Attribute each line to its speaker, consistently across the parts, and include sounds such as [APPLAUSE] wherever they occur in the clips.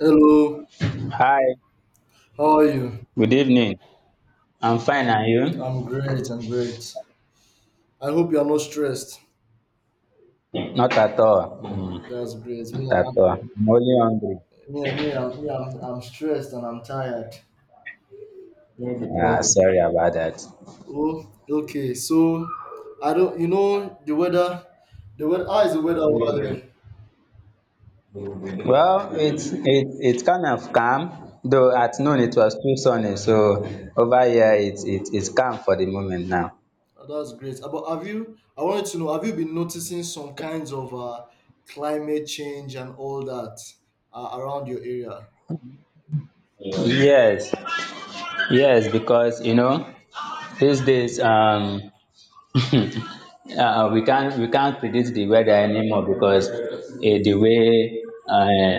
Speaker 1: Hello,
Speaker 2: Hi,
Speaker 1: how are you?
Speaker 2: good evening. I'm fine, and
Speaker 1: I'm
Speaker 2: you?
Speaker 1: great, I'm great. I hope you're not stressed.
Speaker 2: Not at all.
Speaker 1: Mm, that's great.
Speaker 2: Not at all. I'm only hungry.
Speaker 1: I'm stressed and I'm tired.
Speaker 2: Ah, sorry about that.
Speaker 1: Oh, okay. So, I don't, you know, the weather, How is the weather over there?
Speaker 2: Well, it's it it kind of calm, though at noon it was too sunny, so over here it's calm for the moment now.
Speaker 1: Oh, that's great. But I wanted to know, have you been noticing some kinds of climate change and all that around your area?
Speaker 2: Yes, yes, because you know these days [LAUGHS] we can't predict the weather anymore because the way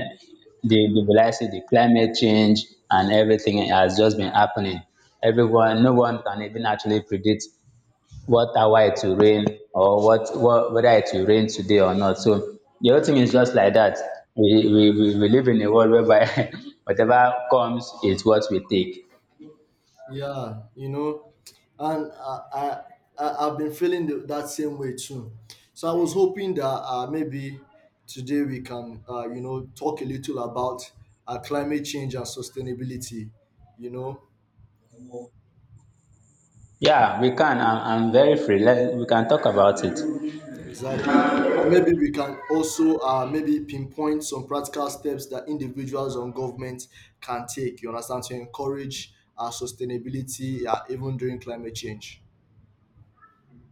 Speaker 2: the will I say the climate change and everything has just been happening. Everyone, no one can even actually predict what hour it will rain or what whether it will rain today or not. So the whole thing is just like that. We live in a world whereby [LAUGHS] whatever comes is what we take.
Speaker 1: Yeah, you know, and I've been feeling that same way too. So I was hoping that maybe today we can, you know, talk a little about climate change and sustainability. You know,
Speaker 2: Yeah, we can. I'm very free. We can talk about it.
Speaker 1: exactly, and maybe we can also maybe pinpoint some practical steps that individuals and governments can take. You understand, to encourage sustainability, even during climate change.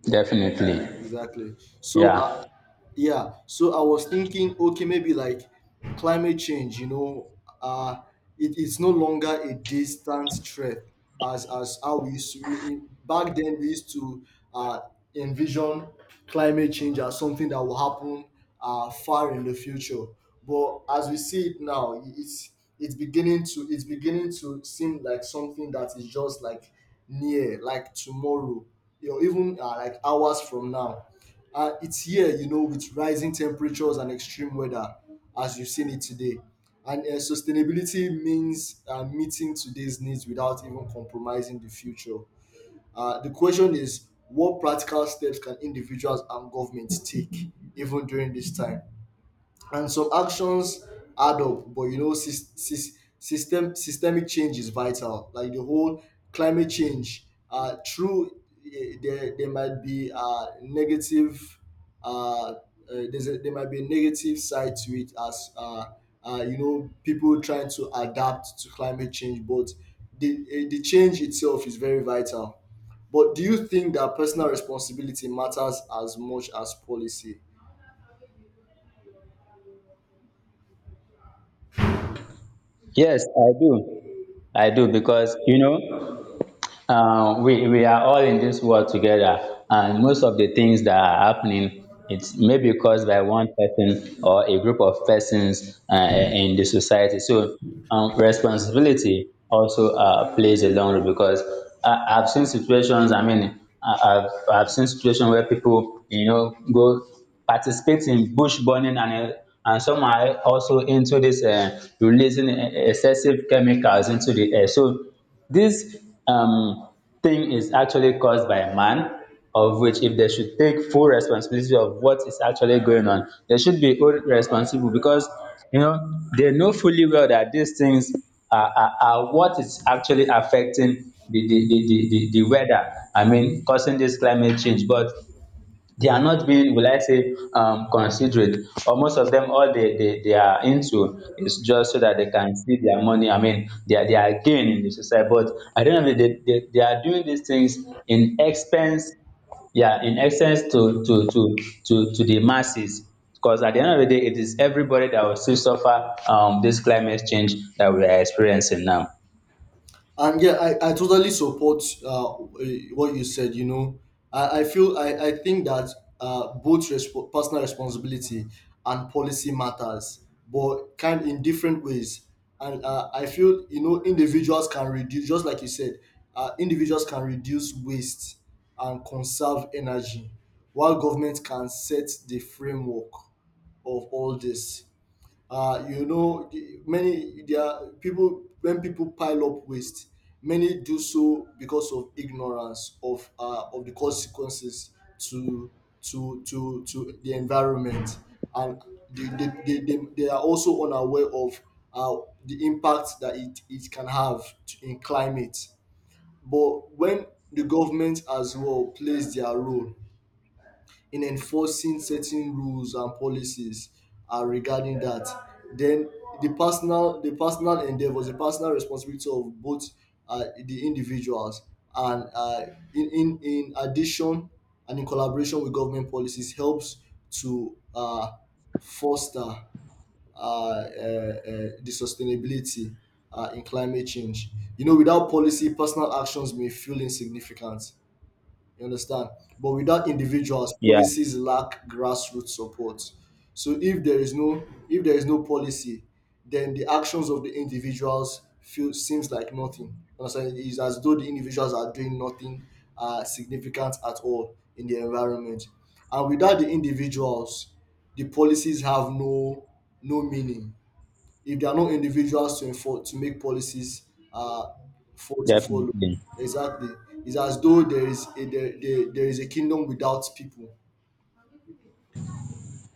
Speaker 2: Definitely.
Speaker 1: Exactly. So.
Speaker 2: Yeah.
Speaker 1: Yeah. So I was thinking, okay, maybe like climate change, you know, uh, it's no longer a distant threat as how we used to in, back then we used to uh, envision climate change as something that will happen far in the future. But as we see it now, it's beginning to seem like something that is just like near, like tomorrow, you know, even like hours from now, it's here, you know, with rising temperatures and extreme weather, as you've seen it today. And sustainability means meeting today's needs without even compromising the future. The question is, what practical steps can individuals and governments take even during this time? And some actions add up, but you know, systemic change is vital, like the whole climate change, there might be negative, uh, uh there might be a negative side to it, as you know, people trying to adapt to climate change. But the change itself is very vital. But do you think that personal responsibility matters as much as policy?
Speaker 2: Yes, I do. I do because you know we are all in this world together, and most of the things that are happening, it's maybe caused by one person or a group of persons in the society. So responsibility also plays a long role because I've seen situations. I mean, I've seen situations where people go participate in bush burning and some are also into this releasing excessive chemicals into the air. So this um thing is actually caused by man, of which if they should take full responsibility of what is actually going on, they should be all responsible because you know they know fully well that these things are what is actually affecting the weather. I mean causing this climate change. But they are not being will I say considerate, or most of them all they are into is just so that they can see their money. I mean they their gain in the society, but I don't know they are doing these things in expense, yeah, in essence to the masses because at the end of the day it is everybody that will still suffer this climate change that we are experiencing now.
Speaker 1: And yeah, I totally support what you said. You know, I think that both personal responsibility and policy matters, but kind in different ways. And I feel, you know, individuals can reduce, just like you said, individuals can reduce waste and conserve energy, while government can set the framework of all this. You know the- many There are people, when people pile up waste, many do so because of ignorance of the consequences to to the environment. And they are also unaware of uh, the impact that it can have in climate. But when the government as well plays their role in enforcing certain rules and policies regarding that, then the personal endeavors, the personal responsibility of both the individuals and in addition and in collaboration with government policies, helps to foster the sustainability in climate change. You know, without policy, personal actions may feel insignificant. You understand? But without individuals,
Speaker 2: Yeah.
Speaker 1: policies lack grassroots support. So if there is no if there is no policy, then the actions of the individuals feel seems like nothing. You understand? It's as though the individuals are doing nothing significant at all in the environment. And without the individuals, the policies have no meaning, if there are no individuals to enforce, to make policies uh, for to follow.
Speaker 2: Definitely.
Speaker 1: Exactly. It's as though there is a kingdom without people.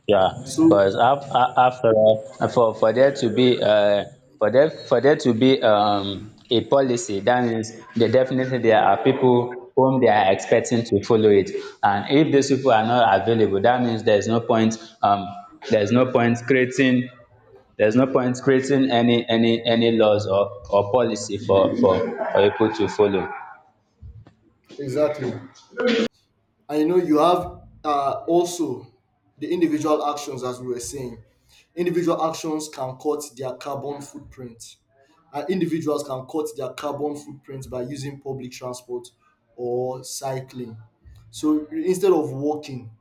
Speaker 2: Yeah,
Speaker 1: So
Speaker 2: because after all, for there to be a policy, that means there definitely there are people whom they are expecting to follow it, and if these people are not available, that means um there is no point creating there's no point creating any laws or policy for people to follow.
Speaker 1: exactly, and you know, you have also the individual actions, as we were saying, individual actions can cut their carbon footprint. Individuals can cut their carbon footprint by using public transport or cycling. So instead of walking,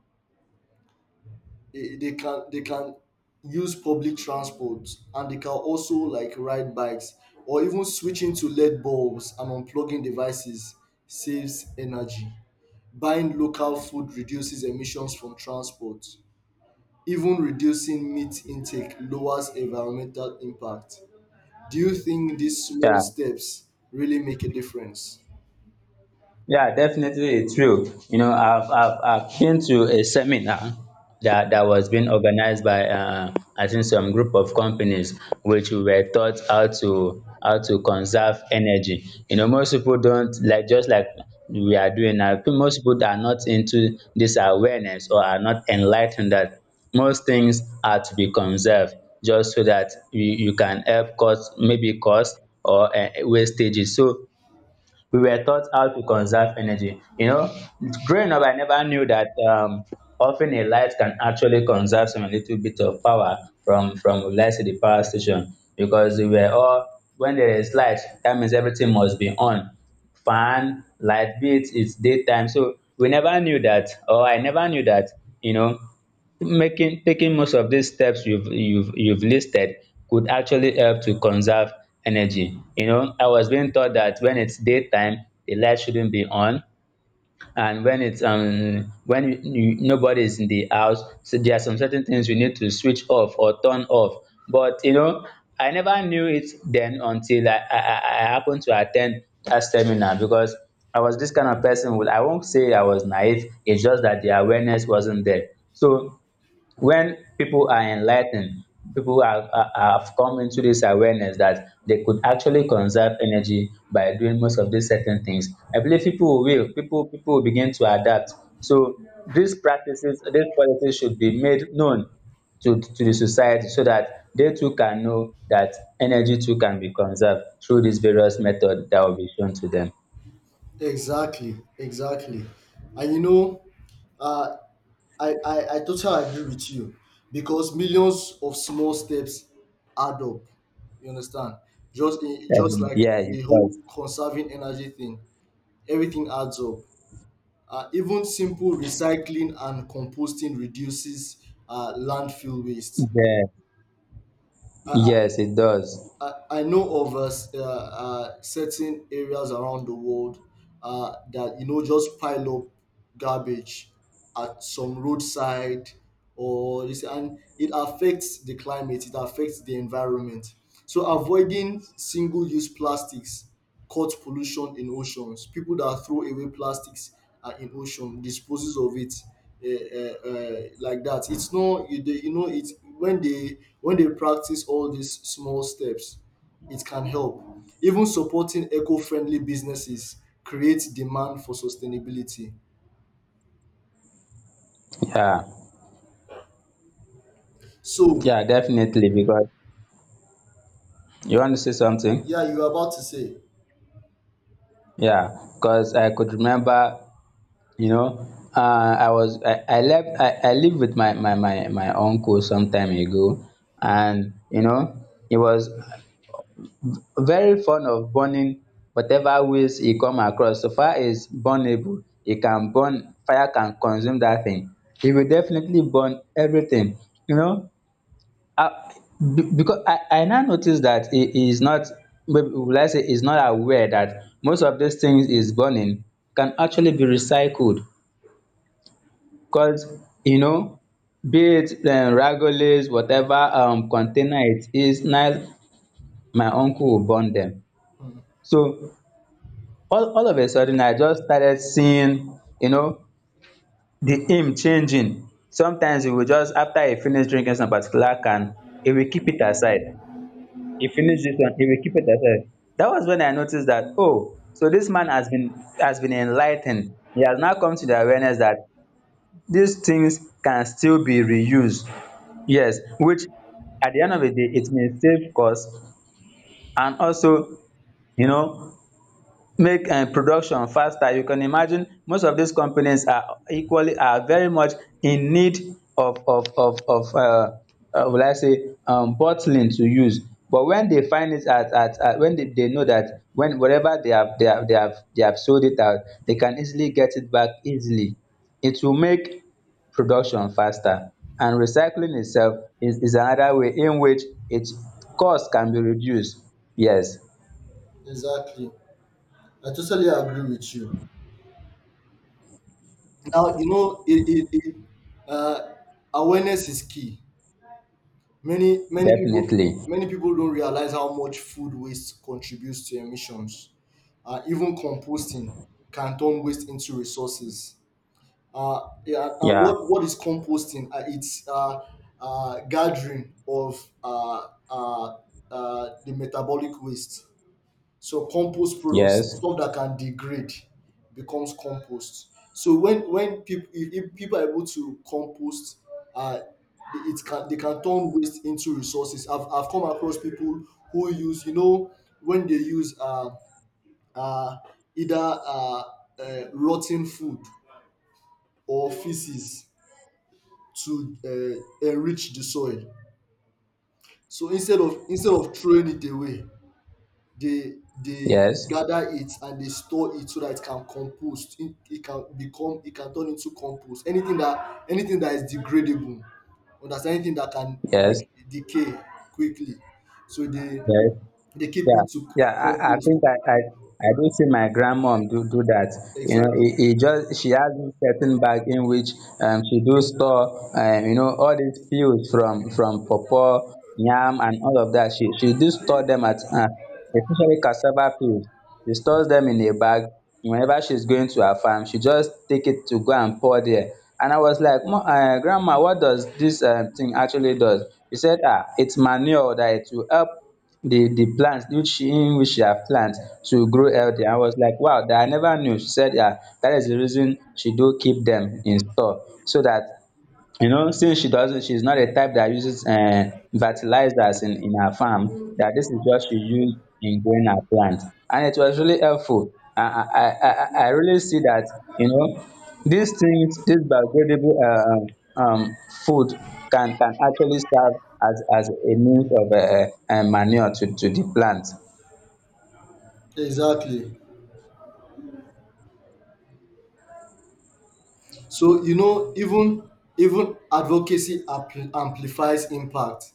Speaker 1: they can use public transport, and they can also like ride bikes, or even switching to led bulbs and unplugging devices saves energy. Buying local food reduces emissions from transport. Even reducing meat intake lowers environmental impact. Do you think these small
Speaker 2: Yeah,
Speaker 1: steps really make a difference?
Speaker 2: yeah, definitely, it's true. You know, I've been to a seminar that was being organized by I think some group of companies, which we were taught how to conserve energy. You know, most people don't, like, just like we are doing now. Most people are not into this awareness, or are not enlightened that most things are to be conserved just so that you can help cost, maybe cost or wastages. So we were taught how to conserve energy. You know, growing up, I never knew that often a light can actually conserve some little bit of power from let's say the power station, because we were all, when there is light, that means everything must be on, fan, light, be it it's daytime. So we never knew that, or I never knew that. You know, making taking most of these steps you've listed could actually help to conserve energy. You know, I was being taught that when it's daytime, the light shouldn't be on, and nobody is in the house, so there are some certain things you need to switch off or turn off. But you know, I never knew it then until I happened to attend that seminar, because I was this kind of person, I won't say I was naive. It's just that the awareness wasn't there. So when people are enlightened, people have come into this awareness that they could actually conserve energy by doing most of these certain things. I believe people will begin to adapt. So these practices, these policies should be made known to the society so that they too can know that energy too can be conserved through these various methods that will be shown to them.
Speaker 1: Exactly, exactly. And you know, uh I totally agree with you, because millions of small steps add up. You understand? Just like
Speaker 2: Yeah, it
Speaker 1: the whole
Speaker 2: does.
Speaker 1: conserving energy thing, everything adds up. Even simple recycling and composting reduces landfill waste.
Speaker 2: Yeah.
Speaker 1: I,
Speaker 2: Yes, it does.
Speaker 1: I know of certain areas around the world that you know just pile up garbage at some roadside or this, and it affects the climate, it affects the environment. So avoiding single-use plastics caught pollution in oceans. People that throw away plastics are in ocean, disposes of it, like that. It's not you, they, you know it. When they practice all these small steps, it can help. Even supporting eco-friendly businesses creates demand for sustainability.
Speaker 2: Yeah.
Speaker 1: So
Speaker 2: Yeah, definitely, because you want to say something?
Speaker 1: yeah, you're about to say.
Speaker 2: Yeah, because I could remember, you know, uh, I was I left I lived with my uncle some time ago, and he was very fond of burning whatever waste he come across. So far is burnable, he can burn, fire can consume that thing. He will definitely burn everything, you know. Uh, because I now notice that he is not, maybe will I say, is not aware that most of these things is burning can actually be recycled. Because, you know, be it ragolas, whatever container it is, now my uncle will burn them. So all of a sudden, I just started seeing, the aim changing. Sometimes he will just, after he finish drinking some particular can, he will keep it aside. He finished this one. He will keep it aside. That was when I noticed that, oh, so this man has been, enlightened. He has now come to the awareness that these things can still be reused. Yes, which at the end of the day it may save cost, and also you know make production faster. You can imagine most of these companies are equally, are very much in need of will I say bottling to use. But when they find it at when they know that when whatever they have sold it out, they can easily get it back easily. It will make production faster. And recycling itself is another way in which its cost can be reduced. Yes.
Speaker 1: Exactly. I totally agree with you. Now you know, uh, awareness is key.
Speaker 2: Definitely.
Speaker 1: Many people don't realize how much food waste contributes to emissions. Even composting can turn waste into resources. Yeah, and
Speaker 2: Yeah.
Speaker 1: what is composting? It's Gathering of the metabolic waste. So compost products,
Speaker 2: Yes,
Speaker 1: stuff that can degrade, becomes compost. So when people, if people are able to compost, uh, it can they can turn waste into resources. I've come across people who use, you know, when they use uh, either uh, rotten food or feces to enrich the soil. So instead of throwing it away, they they
Speaker 2: yes,
Speaker 1: gather it and they store it so that it can compost. It can turn into compost, anything that, anything that is degradable or that's anything that can
Speaker 2: yes,
Speaker 1: like decay quickly. So
Speaker 2: yes.
Speaker 1: they keep
Speaker 2: Yeah,
Speaker 1: it to
Speaker 2: yeah. I
Speaker 1: compost.
Speaker 2: think I do see my grandmom do that. You know,
Speaker 1: Exactly,
Speaker 2: it just she has a certain bag in which she do store all these peels from pawpaw, yam, and all of that. She do store them at especially cassava peels. She stores them in a bag. Whenever she's going to her farm, she just take it to go and pour there. And I was like, Grandma, what does this thing actually does?" She said, "Ah, it's manure, that it will help the plants which in which she have plant to grow healthy." I was like, wow, that I never knew. She said, yeah, that is the reason she do keep them in store, so that since she's not a type that uses fertilizers in her farm, that this is what she used in growing her plant. And it was really helpful. I really see that, you know these things, this biodegradable food can, actually serve as a means of manure to the plant.
Speaker 1: exactly. So you know, even even advocacy amplifies impact.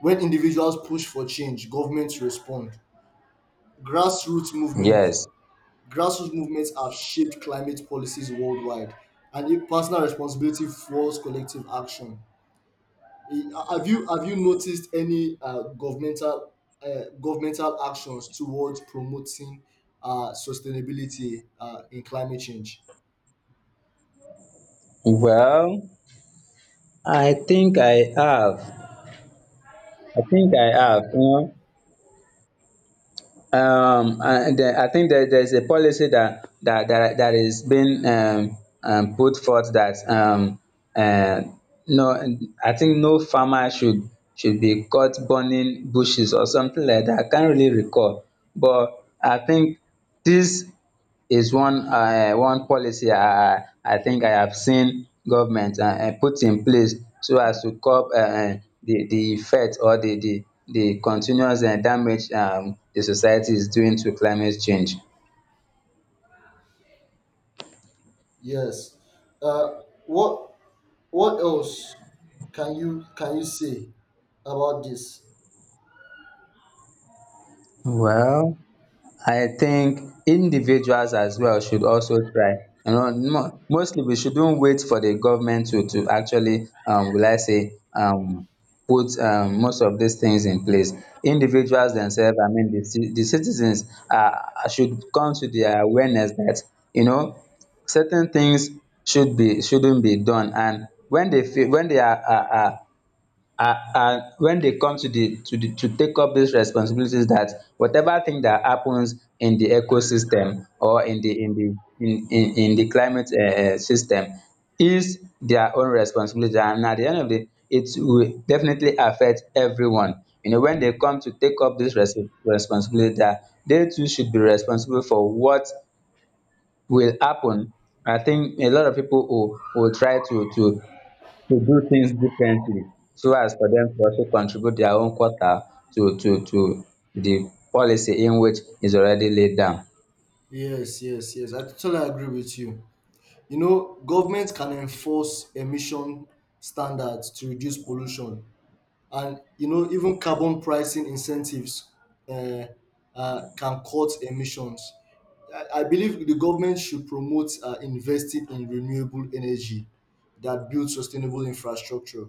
Speaker 1: When individuals push for change, governments respond. Grassroots movements.
Speaker 2: Yes.
Speaker 1: Grassroots movements have shaped climate policies worldwide, and if personal responsibility fuels collective action. Eh, Have you noticed any governmental actions towards promoting sustainability in climate change?
Speaker 2: Well, i think i have i think i have. And then I think that there's a policy that is being, put forth that uh, no, I think no farmer should be caught burning bushes or something like that. I can't really recall, but I think this is one policy I think I have seen government put in place so as to curb the effect, or the continuous damage the society is doing to climate change.
Speaker 1: Yes. Uh, what what else can you say about this?
Speaker 2: Well, I think individuals as well should also try. Mostly, we shouldn't wait for the government to actually, will I say, put most of these things in place. Individuals themselves, I mean the citizens, should come to the awareness that, you know certain things shouldn't be done. And when they are and when they come to take up these responsibilities, that whatever thing that happens in the ecosystem, or in the climate system, is their own responsibility, and at the end of the it will definitely affect everyone. When they come to take up this responsibility, that they too should be responsible for what will happen, I think a lot of people will try to do things differently so as for them to also contribute their own quota to the policy in which is already laid down.
Speaker 1: Yes, yes, yes. I totally agree with you. You know, government can enforce emission standards to reduce pollution, and you know, even carbon pricing incentives uh, can cut emissions. I believe the government should promote investing in renewable energy that builds sustainable infrastructure.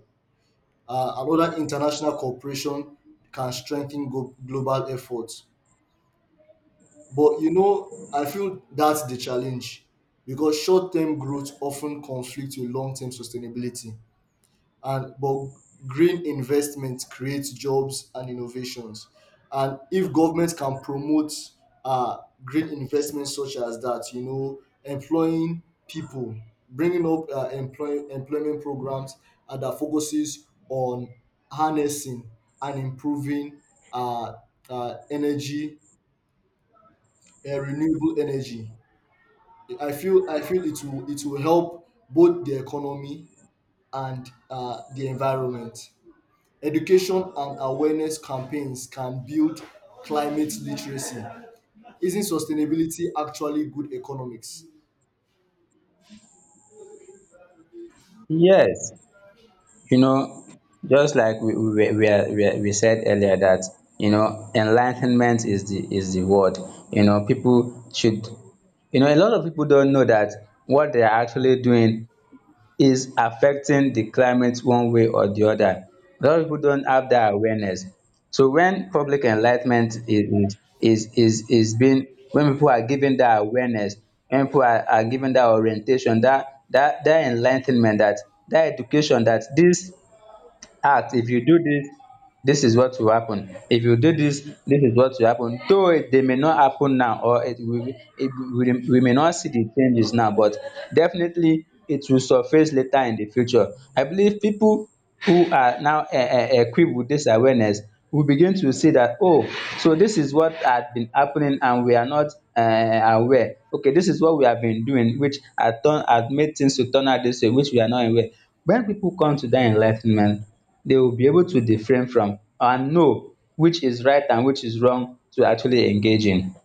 Speaker 1: Another international cooperation can strengthen global efforts. But you know, I feel that's the challenge, because short-term growth often conflicts with long-term sustainability. And but green investment creates jobs and innovations. And if governments can promote uh, green investments such as that, you know, employing people, bringing up employment programs that focuses on harnessing and improving uh, energy, renewable energy, I feel it will, it will help both the economy and the environment. Education and awareness campaigns can build climate literacy. Isn't sustainability actually good economics?
Speaker 2: Yes, you know, just like we said earlier that you know enlightenment is the word. You know, people should. A lot of people don't know that what they are actually doing is affecting the climate one way or the other. A lot of people don't have that awareness. So when public enlightment is being, when people are given that awareness, when people are given that orientation, that enlightenment, that that education that this act, if you do this, this is what will happen. If you do this, this is what will happen, though they may not happen now, or we may not see the changes now, but definitely it will surface later in the future. I believe people who are now equipped with this awareness will begin to see that, oh, so this is what had been happening and we are not aware. Okay, this is what we have been doing which had turn had made things to turn out this way, which we are not aware. When people come to that enlightenment, they will be able to refrain from and know which is right and which is wrong to actually engage in.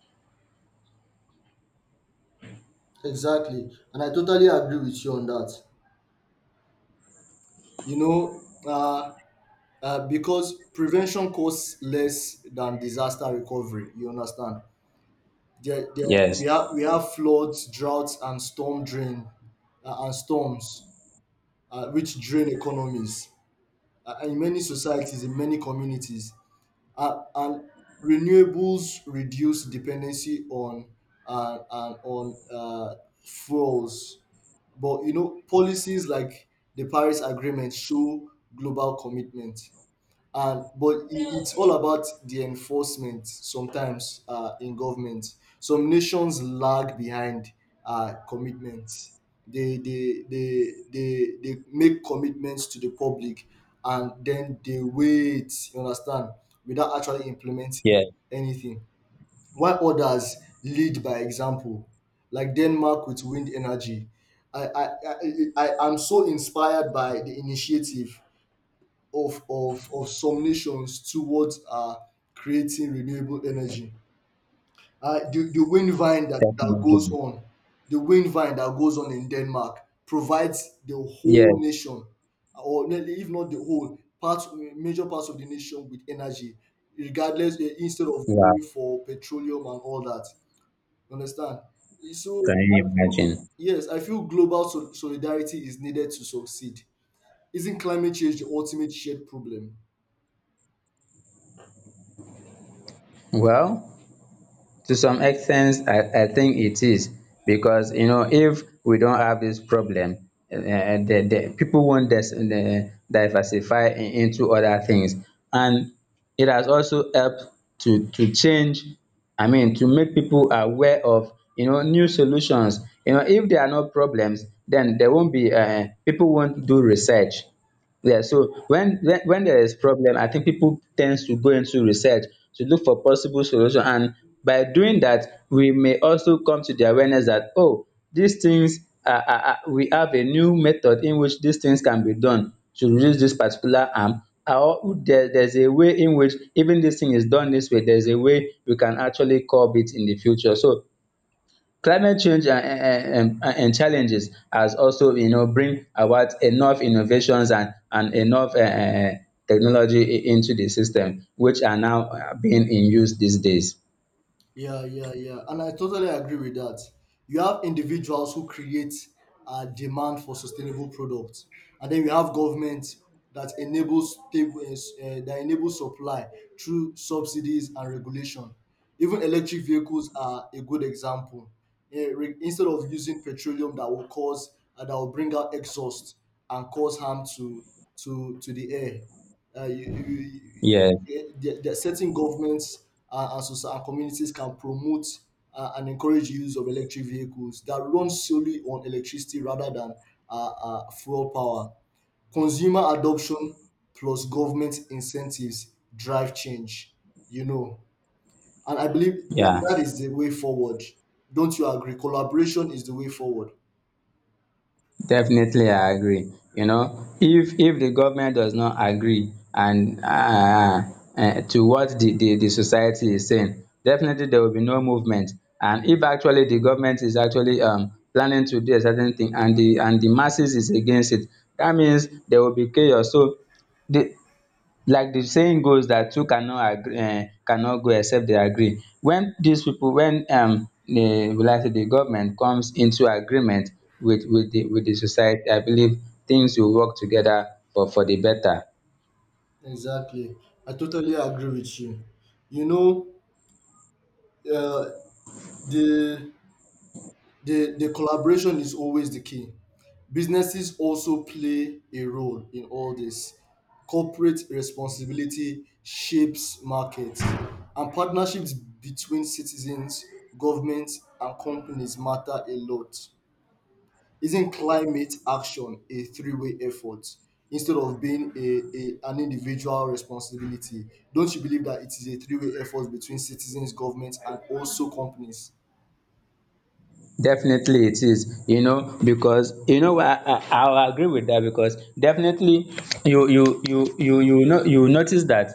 Speaker 1: Exactly, and I totally agree with you on that. You know, because prevention costs less than disaster recovery. You understand? There, there, we
Speaker 2: Yes,
Speaker 1: have, we have floods, droughts, and storm drain, and storms, which drain economies in many societies, in many communities. And renewables reduce dependency on and on fuels. But you know, policies like the Paris Agreement show global commitment, and but it's all about the enforcement sometimes in government. Some nations lag behind commitments. They make commitments to the public, and then they wait. You understand? Without actually implementing
Speaker 2: yes,
Speaker 1: anything, while others lead by example, like Denmark with wind energy. i i i, I I'm so inspired by the initiative of some nations towards creating renewable energy. The wind vine that, that goes
Speaker 2: definitely.
Speaker 1: on, the wind vine that goes on in Denmark provides the whole
Speaker 2: Yes,
Speaker 1: nation, or nearly if not the whole, parts major parts of the nation with energy, regardless. Instead of
Speaker 2: wow.
Speaker 1: going for petroleum and all that. You understand? So
Speaker 2: Can you
Speaker 1: I feel,
Speaker 2: imagine?
Speaker 1: yes, I feel global solidarity is needed to succeed. Isn't climate change the ultimate shared problem?
Speaker 2: Well, to some extent I think it is, because you know, if we don't have this problem, the people won't diversify into other things. And it has also helped to change. I mean, to make people aware of, you know, new solutions. You know, if there are no problems, then there won't be, people won't do research. Yeah, so when there is problem, I think people tends to go into research to look for possible solution, and by doing that, we may also come to the awareness that, oh, these things we have a new method in which these things can be done to reduce this particular harm. Or there's a way in which even this thing is done this way. There's a way we can actually curb it in the future. So climate change and and challenges has also bring about enough innovations and enough technology into the system which are now being in use these days.
Speaker 1: Yeah, yeah, yeah. And I totally agree with that. You have individuals who create a demand for sustainable products, and then you have governments that enables supply through subsidies and regulation. Even electric vehicles are a good example. Instead of using petroleum that will cause that will bring out exhaust and cause harm to the air, uh, you, you,
Speaker 2: Yes,
Speaker 1: there are certain governments and communities can promote and encourage use of electric vehicles that run solely on electricity rather than fuel power. Consumer adoption plus government incentives drive change, you know. And I believe that,
Speaker 2: yeah.
Speaker 1: that is the way forward. Don't you agree? Collaboration is the way forward.
Speaker 2: Definitely, I agree. You know, if the government does not agree, and to what the society is saying, definitely there will be no movement. And if actually the government is actually planning to do a certain thing, and the masses is against it, that means there will be chaos. So the, like the saying goes that two cannot agree cannot go except they agree. When these people, when the, will I say, the government comes into agreement with with the society, I believe things will work together for the better.
Speaker 1: Exactly. I totally agree with you. You know, uh, the the collaboration is always the key. Businesses also play a role in all this. Corporate responsibility shapes markets, and partnerships between citizens, governments, and companies matter a lot. Isn't climate action a three-way effort instead of being an individual responsibility? Don't you believe that it is a three-way effort between citizens, governments, and also companies?
Speaker 2: Definitely it is, you know, because you know, I'll agree with that, because definitely you know you notice that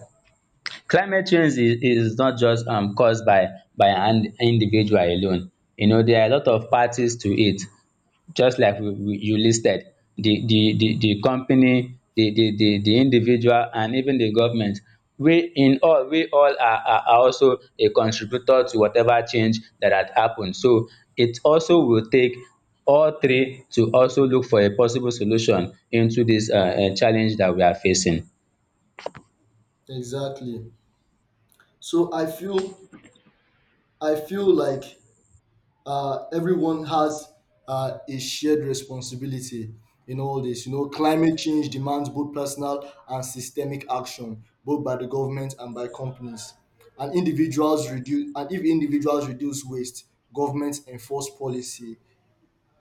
Speaker 2: climate change is not just caused by an individual alone. You know, there are a lot of parties to it, just like you listed the company, the individual, and even the government. We all are also a contributor to whatever change that had happened. So it also will take all three to also look for a possible solution into this challenge that we are facing.
Speaker 1: Exactly. So I feel like everyone has a shared responsibility in all this. You know, climate change demands both personal and systemic action, both by the government and by companies. And if individuals reduce waste, governments enforce policy,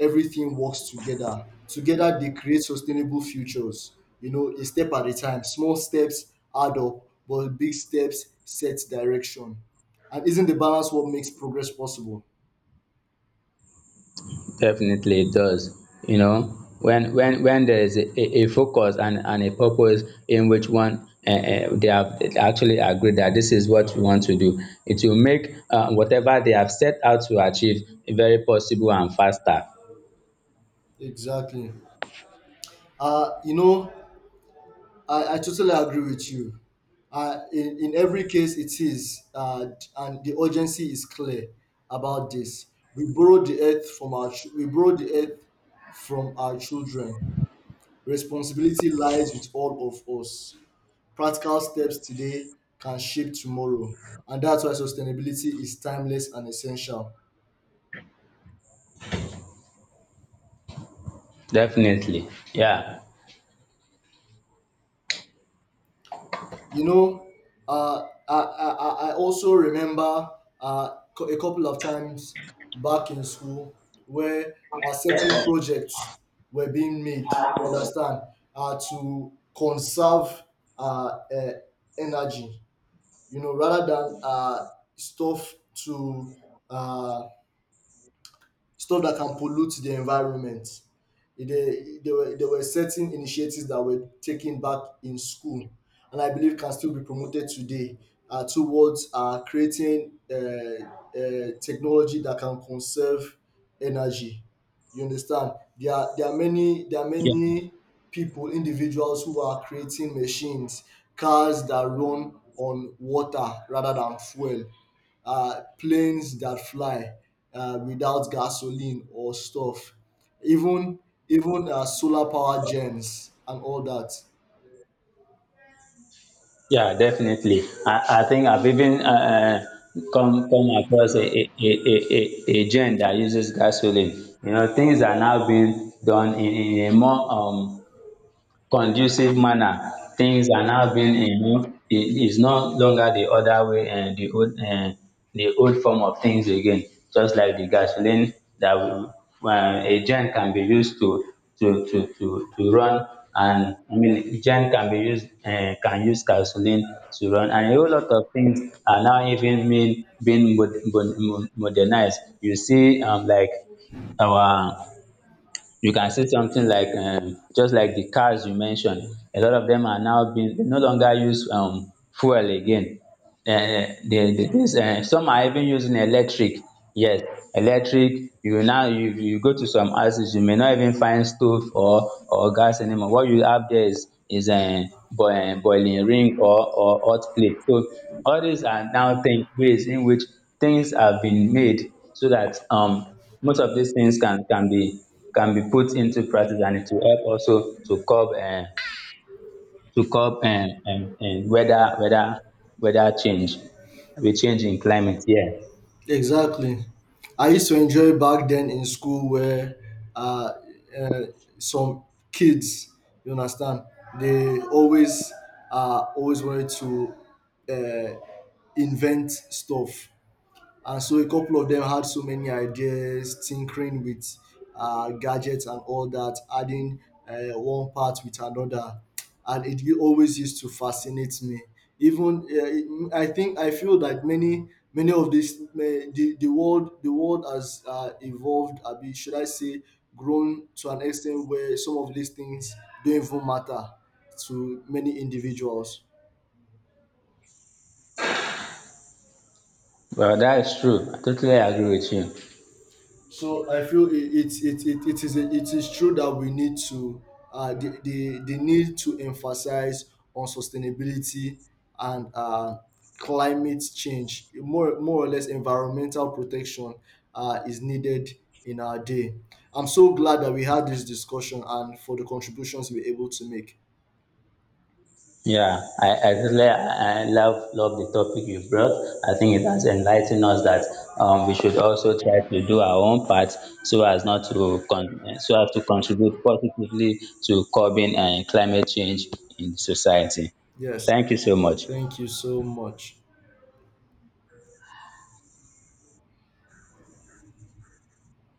Speaker 1: everything works together together, they create sustainable futures. A step at a time. Small steps add up, but big steps set direction. And isn't the balance what makes progress possible?
Speaker 2: Definitely it does. You know, when there is a focus, and a purpose in which one, they have actually agreed that this is what we want to do, it will make, whatever they have set out to achieve very possible and faster.
Speaker 1: Exactly. You know, I totally agree with you. In every case it is. And the urgency is clear about this. We borrow the earth from our children. Responsibility lies with all of us. Practical steps today can shape tomorrow, and that's why sustainability is timeless and essential.
Speaker 2: Definitely, yeah,
Speaker 1: You know, I also remember a couple of times back in school where certain projects were being made, understand, to conserve uh, uh, energy, you know, rather than stuff to uh, stuff that can pollute the environment. There were certain initiatives that were taken back in school, and I believe can still be promoted today towards creating technology that can conserve energy. You understand? There are
Speaker 2: yeah,
Speaker 1: many people, individuals who are creating machines, cars that run on water rather than fuel, planes that fly without gasoline or stuff, even even solar power gens and all that.
Speaker 2: yeah, definitely. I think I've even come across a gen that uses gasoline. You know, things are now being done in a more conducive manner. Things are now being, you know, it is no longer the other way and the old, and the old form of things again. Just like the gasoline that we, a gen can be used to run. And I mean, gen can be used, can use gasoline to run. And a whole lot of things are now even mean being modernized. You see, like our, you can see something like, just like the cars you mentioned, a lot of them are now being, they no longer use fuel again. Some are even using electric. Yes, electric. You now, you go to some houses, you may not even find stove or gas anymore. What you have there is a boiling ring or hot plate. So all these are now things, ways in which things have been made so that most of these things can be, can be put into practice, and it will help also to curb to curb, weather, weather change, the change in climate. Yeah,
Speaker 1: Exactly. I used to enjoy back then in school where uh, uh, some kids, you understand, they always always wanted to uh, invent stuff. And so a couple of them had so many ideas, tinkering with gadgets and all that, adding one part with another. And it always used to fascinate me. Even I think I feel that many many of this the world has evolved. I mean, should I say grown to an extent where some of these things don't even matter to many individuals.
Speaker 2: well, that is true. I totally agree with you.
Speaker 1: So I feel it is true that we need to the need to emphasize on sustainability and climate change, more more or less, environmental protection is needed in our day. I'm so glad that we had this discussion and for the contributions we were able to make.
Speaker 2: Yeah, I really I love the topic you brought. I think it has enlightened us that, we should also try to do our own part, so as not to so as to contribute positively to curbing and climate change in society.
Speaker 1: Yes,
Speaker 2: Thank you so much.
Speaker 1: thank you so much.